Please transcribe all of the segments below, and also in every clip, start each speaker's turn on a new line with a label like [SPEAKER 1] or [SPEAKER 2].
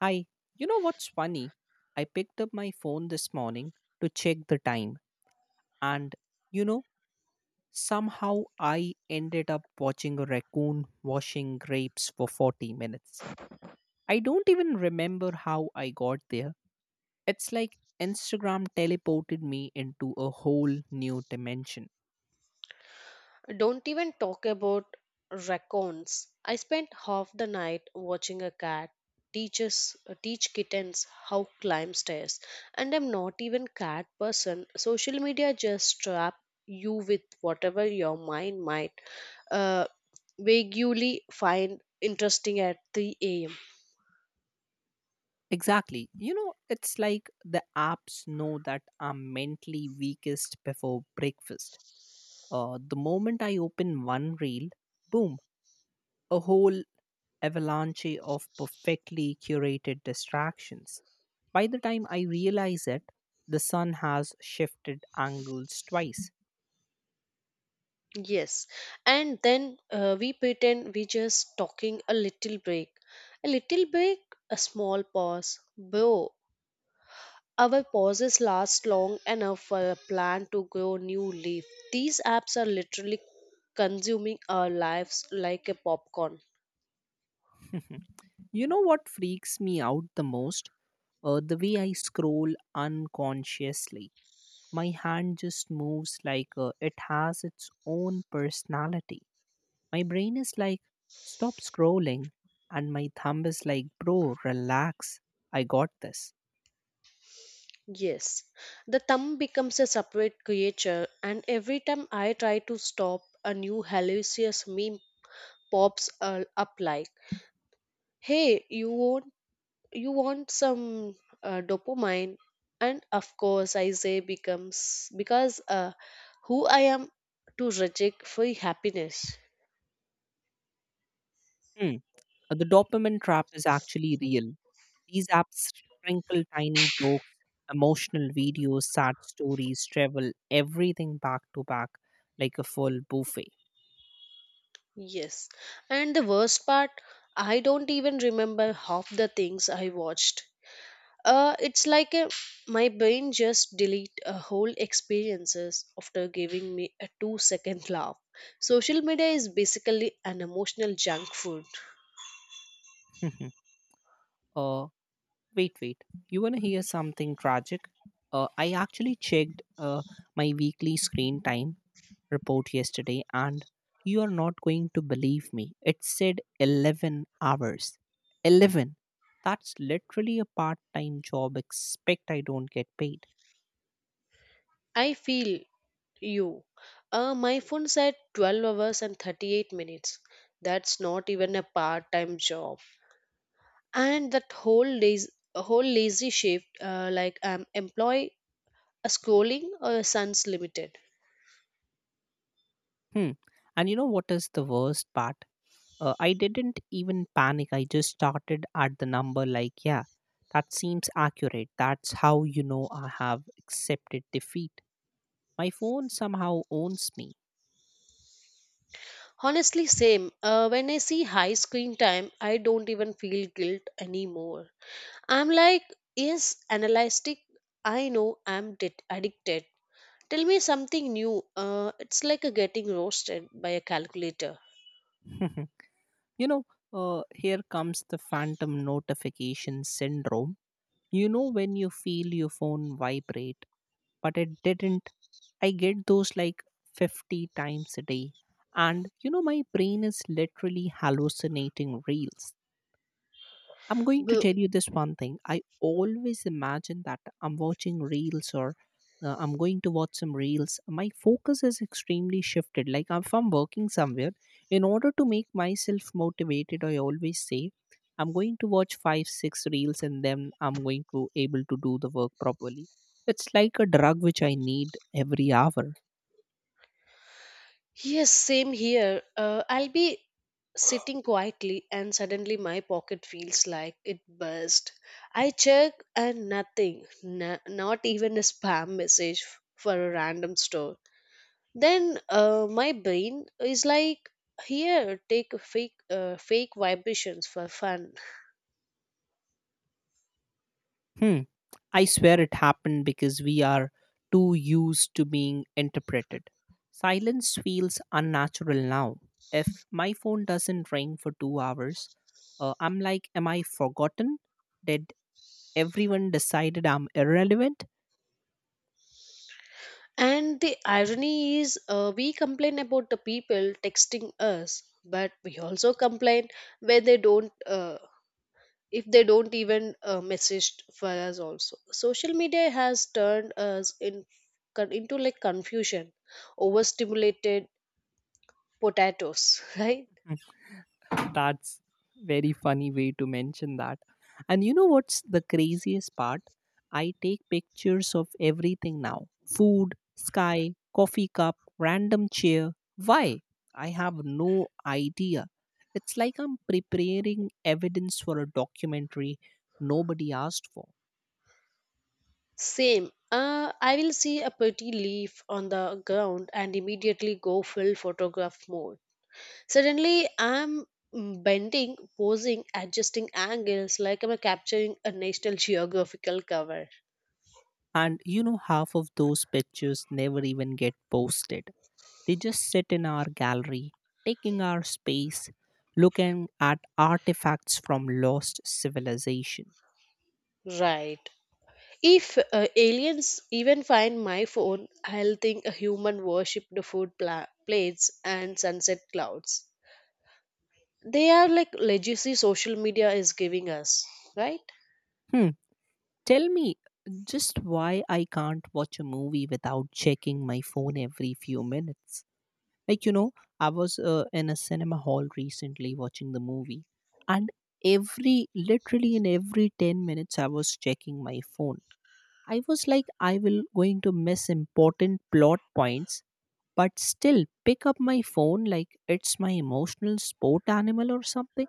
[SPEAKER 1] Hi, you know what's funny? I picked up my phone this morning to check the time, and you know, somehow I ended up watching a raccoon washing grapes for 40 minutes. I don't even remember how I got there. It's like Instagram teleported me into a whole new dimension.
[SPEAKER 2] Don't even talk about raccoons. I spent half the night watching a cat teaches teach kittens how climb stairs and I'm not even cat person. Social media just trap you with whatever your mind might uh, vaguely find interesting at 3 a.m.
[SPEAKER 1] Exactly. You know, it's like the apps know that I'm mentally weakest before breakfast. The moment I open one reel, boom, a whole avalanche of perfectly curated distractions. By the time I realize it, the sun has shifted angles twice.
[SPEAKER 2] Yes, and then we pretend we just talking a little break, a small pause, bro. Our pauses last long enough for a plant to grow new leaf. These apps are literally consuming our lives like a popcorn.
[SPEAKER 1] You know what freaks me out the most? The way I scroll unconsciously. My hand just moves like it has its own personality. My brain is like, stop scrolling, and my thumb is like, bro, relax. I got this.
[SPEAKER 2] Yes, the thumb becomes a separate creature, and every time I try to stop, a new hilarious meme pops up like, "Hey, you want some dopamine?" And of course, I say becomes because who I am to reject free happiness.
[SPEAKER 1] Hmm. The dopamine trap is actually real. These apps sprinkle tiny jokes, emotional videos, sad stories, travel, everything back to back like a full buffet.
[SPEAKER 2] Yes. And the worst part, I don't even remember half the things I watched. Uh, it's like a, my brain just delete a whole experiences after giving me a 2 second laugh. Social media is basically an emotional junk food.
[SPEAKER 1] uh, Wait, wait. You want to hear something tragic? I actually checked my weekly screen time report yesterday, and you are not going to believe me. It said 11 hours. 11. That's literally a part time job, expect I don't get paid.
[SPEAKER 2] I feel you. My phone said 12 hours and 38 minutes. That's not even a part-time job. And that whole whole lazy shift, like I'm employed a scrolling or a sun's limited
[SPEAKER 1] Hmm. And you know what is the worst part? I didn't even panic. I just started at the number, like, yeah, that seems accurate. That's how you know I have accepted defeat. My phone somehow owns me.
[SPEAKER 2] honestly same when I see high screen time I don't even feel guilt anymore. I'm like, yes, analytic, I know I'm addicted. Tell me something new. It's like a getting roasted by a calculator.
[SPEAKER 1] You know, here comes the phantom notification syndrome. You know, when you feel your phone vibrate, but it didn't. I get those like 50 times a day. And you know, my brain is literally hallucinating reels. I'm going to tell you this one thing. I always imagine that I'm watching reels or I'm going to watch some reels. My focus is extremely shifted. Like if I'm working somewhere, in order to make myself motivated, I always say, I'm going to watch five, six reels and then I'm going to able to do the work properly. It's like a drug which I need every hour.
[SPEAKER 2] Yes, same here. I'll be sitting quietly, and suddenly my pocket feels like it burst. I check, and nothing, not even a spam message for a random store. Then my brain is like, here, take a fake, fake vibrations for fun.
[SPEAKER 1] Hmm. I swear it happened because we are too used to being interpreted. Silence feels unnatural now. If my phone doesn't ring for 2 hours, I'm like, am I forgotten? Did everyone decided I'm irrelevant?
[SPEAKER 2] And the irony is, we complain about the people texting us, but we also complain when they don't. If they don't even message for us also social media has turned us into like confusion overstimulated potatoes right.
[SPEAKER 1] That's very funny way to mention that. And you know what's the craziest part? I take pictures of everything now. Food, sky, coffee cup, random chair. Why? I have no idea. It's like I'm preparing evidence for a documentary nobody asked for.
[SPEAKER 2] Same I will see a pretty leaf on the ground and immediately go full photograph mode. Suddenly I'm bending posing adjusting angles like I'm capturing a national geographical cover.
[SPEAKER 1] And you know half of those pictures never even get posted. They just sit in our gallery, taking our space, looking at artifacts from lost civilization.
[SPEAKER 2] Right. If aliens even find my phone, I'll think a human worshipped the food plates and sunset clouds. They are like legacy social media is giving us, right?
[SPEAKER 1] Hmm. Tell me just why I can't watch a movie without checking my phone every few minutes. Like, you know, I was in a cinema hall recently watching the movie, and every literally in every 10 minutes, I was checking my phone. I was like, I will going to miss important plot points but still pick up my phone like it's my emotional sport animal or something.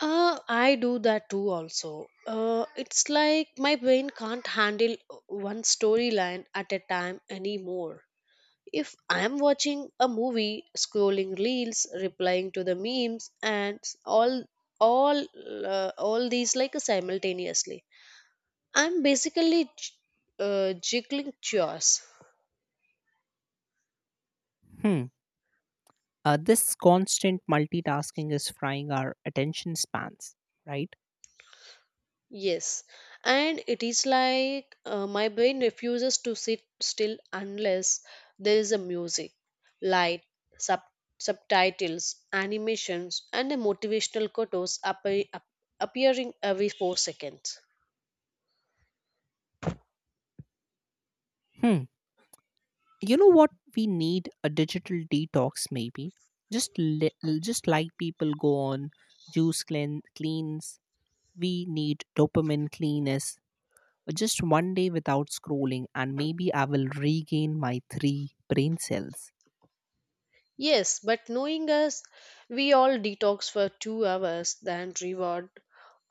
[SPEAKER 2] I do that too also. It's like my brain can't handle one storyline at a time anymore. If I'm watching a movie, scrolling reels, replying to the memes, and all, all these like simultaneously, I'm basically jiggling chores.
[SPEAKER 1] Hmm. This constant multitasking is frying our attention spans, right?
[SPEAKER 2] Yes, and it is like my brain refuses to sit still unless there is a music, light, sub- subtitles, animations, and a motivational quotes appearing every 4 seconds.
[SPEAKER 1] Hmm. You know what? We need a digital detox, maybe. Just li- just like people go on juice cleans, we need dopamine cleanness. Just one day without scrolling, and maybe I will regain my three brain cells.
[SPEAKER 2] Yes, but knowing us, we all detox for 2 hours, then reward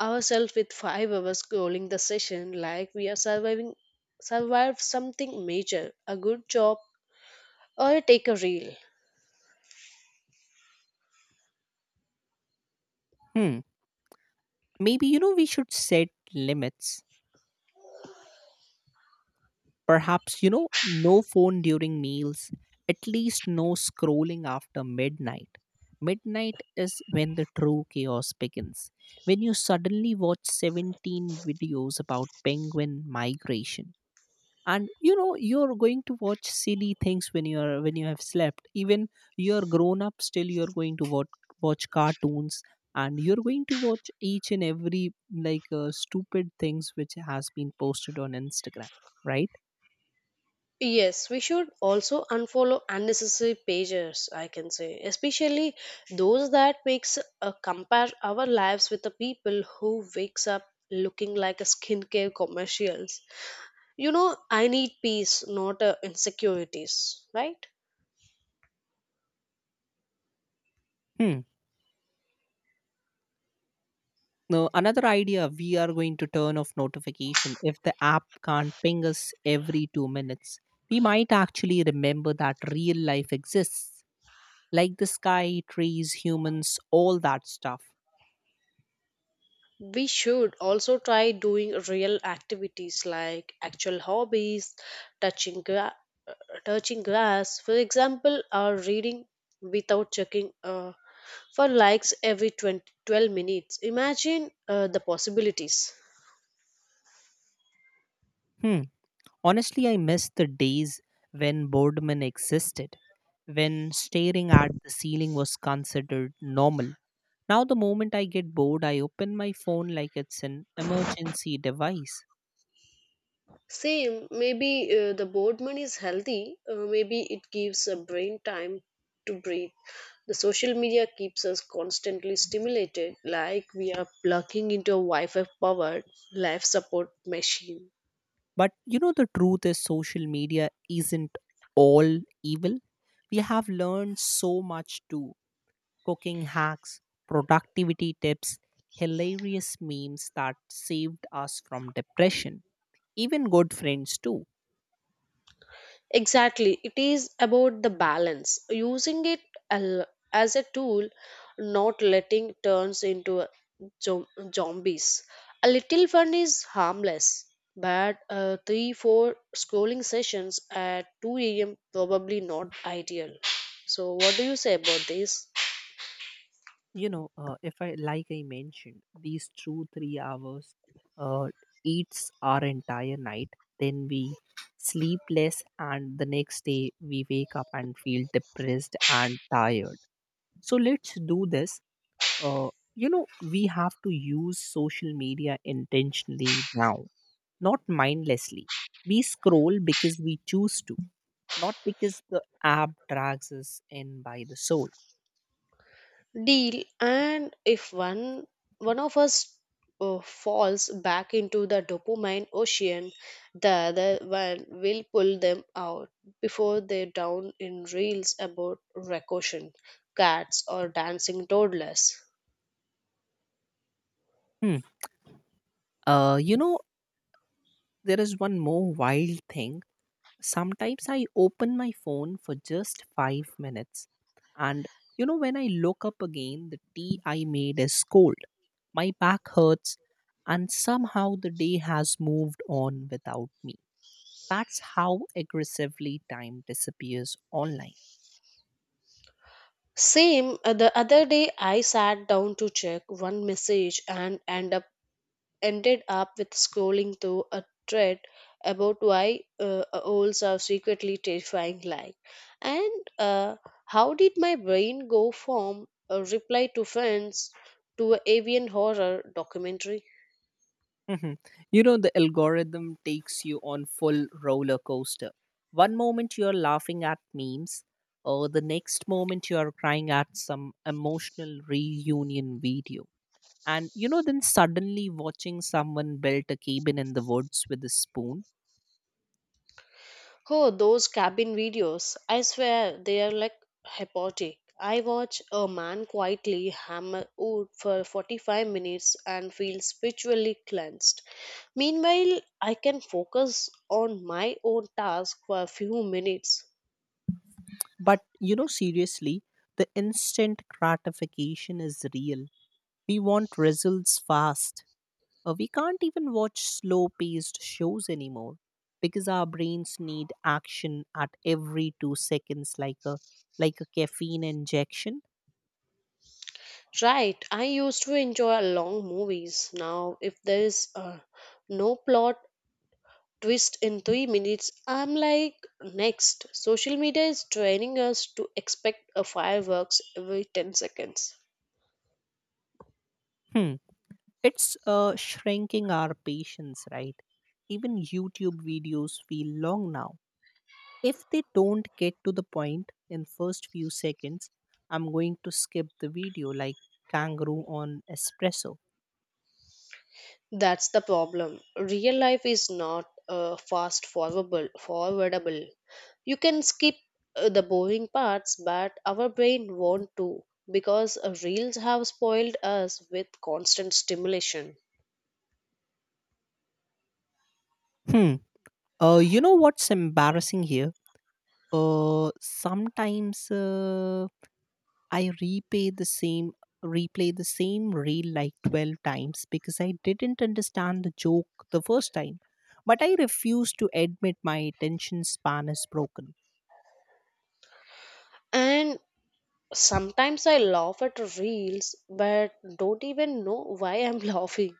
[SPEAKER 2] ourselves with 5 hours scrolling the session like we are surviving survive something major, a good job or a take a reel.
[SPEAKER 1] Hmm. Maybe, you know, we should set limits. Perhaps, you know, no phone during meals, at least no scrolling after midnight. Midnight is when the true chaos begins, when you suddenly watch 17 videos about penguin migration, and you know you're going to watch silly things when you have slept even you're grown up still you're going to watch cartoons, and you're going to watch each and every like stupid things which has been posted on Instagram, right?
[SPEAKER 2] Yes, we should also unfollow unnecessary pages, I can say, especially those that makes compare our lives with the people who wakes up looking like a skincare commercials. You know, I need peace, not insecurities, right?
[SPEAKER 1] Hmm. Now another idea, we are going to turn off notification. If the app can't ping us every 2 minutes, we might actually remember that real life exists, like the sky, trees, humans, all that stuff.
[SPEAKER 2] We should also try doing real activities like actual hobbies, touching, gra- uh, touching grass, for example, or reading without checking for likes every 12 minutes. Imagine the possibilities.
[SPEAKER 1] Hmm. Honestly, I miss the days when boredom existed, when staring at the ceiling was considered normal. Now, the moment I get bored, I open my phone like it's an emergency device.
[SPEAKER 2] Same, maybe the boredom is healthy, maybe it gives a brain time to breathe. The social media keeps us constantly stimulated, like we are plugging into a Wi Fi powered life support machine.
[SPEAKER 1] But you know, the truth is, social media isn't all evil. We have learned so much too, cooking hacks, productivity tips, hilarious memes that saved us from depression, even good friends too.
[SPEAKER 2] Exactly. It is about the balance, using it al- as a tool, not letting it turns into a zom- zombies. A little fun is harmless, but three, four scrolling sessions at 2 a.m. probably not ideal. So, what do you say about this?
[SPEAKER 1] You know, if I like I mentioned, these 2 3 hours uh, eats our entire night, then we sleep less, and the next day we wake up and feel depressed and tired. So let's do this. uh, you know, we have to use social media intentionally now, not mindlessly. We scroll because we choose to, not because the app drags us in by the soul.
[SPEAKER 2] Deal. And if one of us falls back into the dopamine ocean, the other one will pull them out before they down in reels about recursion cats or dancing toddlers.
[SPEAKER 1] Hmm. You know, there is one more wild thing. Sometimes I open my phone for just 5 minutes, and you know, when I look up again, the tea I made is cold, my back hurts, and somehow the day has moved on without me. That's how aggressively time disappears online.
[SPEAKER 2] Same the other day I sat down to check one message and ended up with scrolling through a thread about why owls are secretly terrifying, like, and how did my brain go from a reply to friends to an avian horror documentary.
[SPEAKER 1] Mhm. You know, the algorithm takes you on full roller coaster. One moment you're laughing at memes, or the next moment you're crying at some emotional reunion video. And you know, then suddenly watching someone build a cabin in the woods with a spoon.
[SPEAKER 2] Oh, those cabin videos. I swear they are like hypnotic. I watch a man quietly hammer wood for 45 minutes and feel spiritually cleansed. Meanwhile, I can focus on my own task for a few minutes.
[SPEAKER 1] But you know, seriously, the instant gratification is real. We want results fast. We can't even watch slow paced shows anymore because our brains need action at every 2 seconds, like a caffeine injection.
[SPEAKER 2] Right, I used to enjoy long movies. Now, if there is no plot twist in 3 minutes, I'm like, next. Social media is training us to expect a fireworks every 10 seconds.
[SPEAKER 1] Hmm. It's shrinking our patience, right? Even YouTube videos feel long now. If they don't get to the point in first few seconds, I'm going to skip the video like kangaroo on espresso.
[SPEAKER 2] That's the problem. Real life is not fast forwardable. You can skip the boring parts, but our brain won't do because reels have spoiled us with constant stimulation.
[SPEAKER 1] Hmm. You know what's embarrassing here? Sometimes I repay the same replay the same reel like 12 times because I didn't understand the joke the first time. But I refuse to admit my attention span is broken.
[SPEAKER 2] And sometimes I laugh at reels, but don't even know why I'm laughing.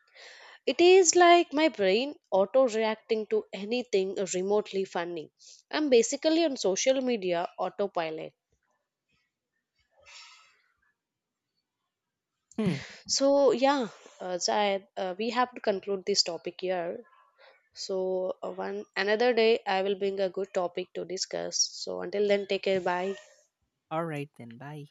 [SPEAKER 2] It is like my brain auto reacting to anything remotely funny. I'm basically on social media autopilot.
[SPEAKER 1] Hmm.
[SPEAKER 2] So, yeah, Zayed, we have to conclude this topic here. So, one another day, I will bring a good topic to discuss. So, until then, take care. Bye.
[SPEAKER 1] All right then. Bye.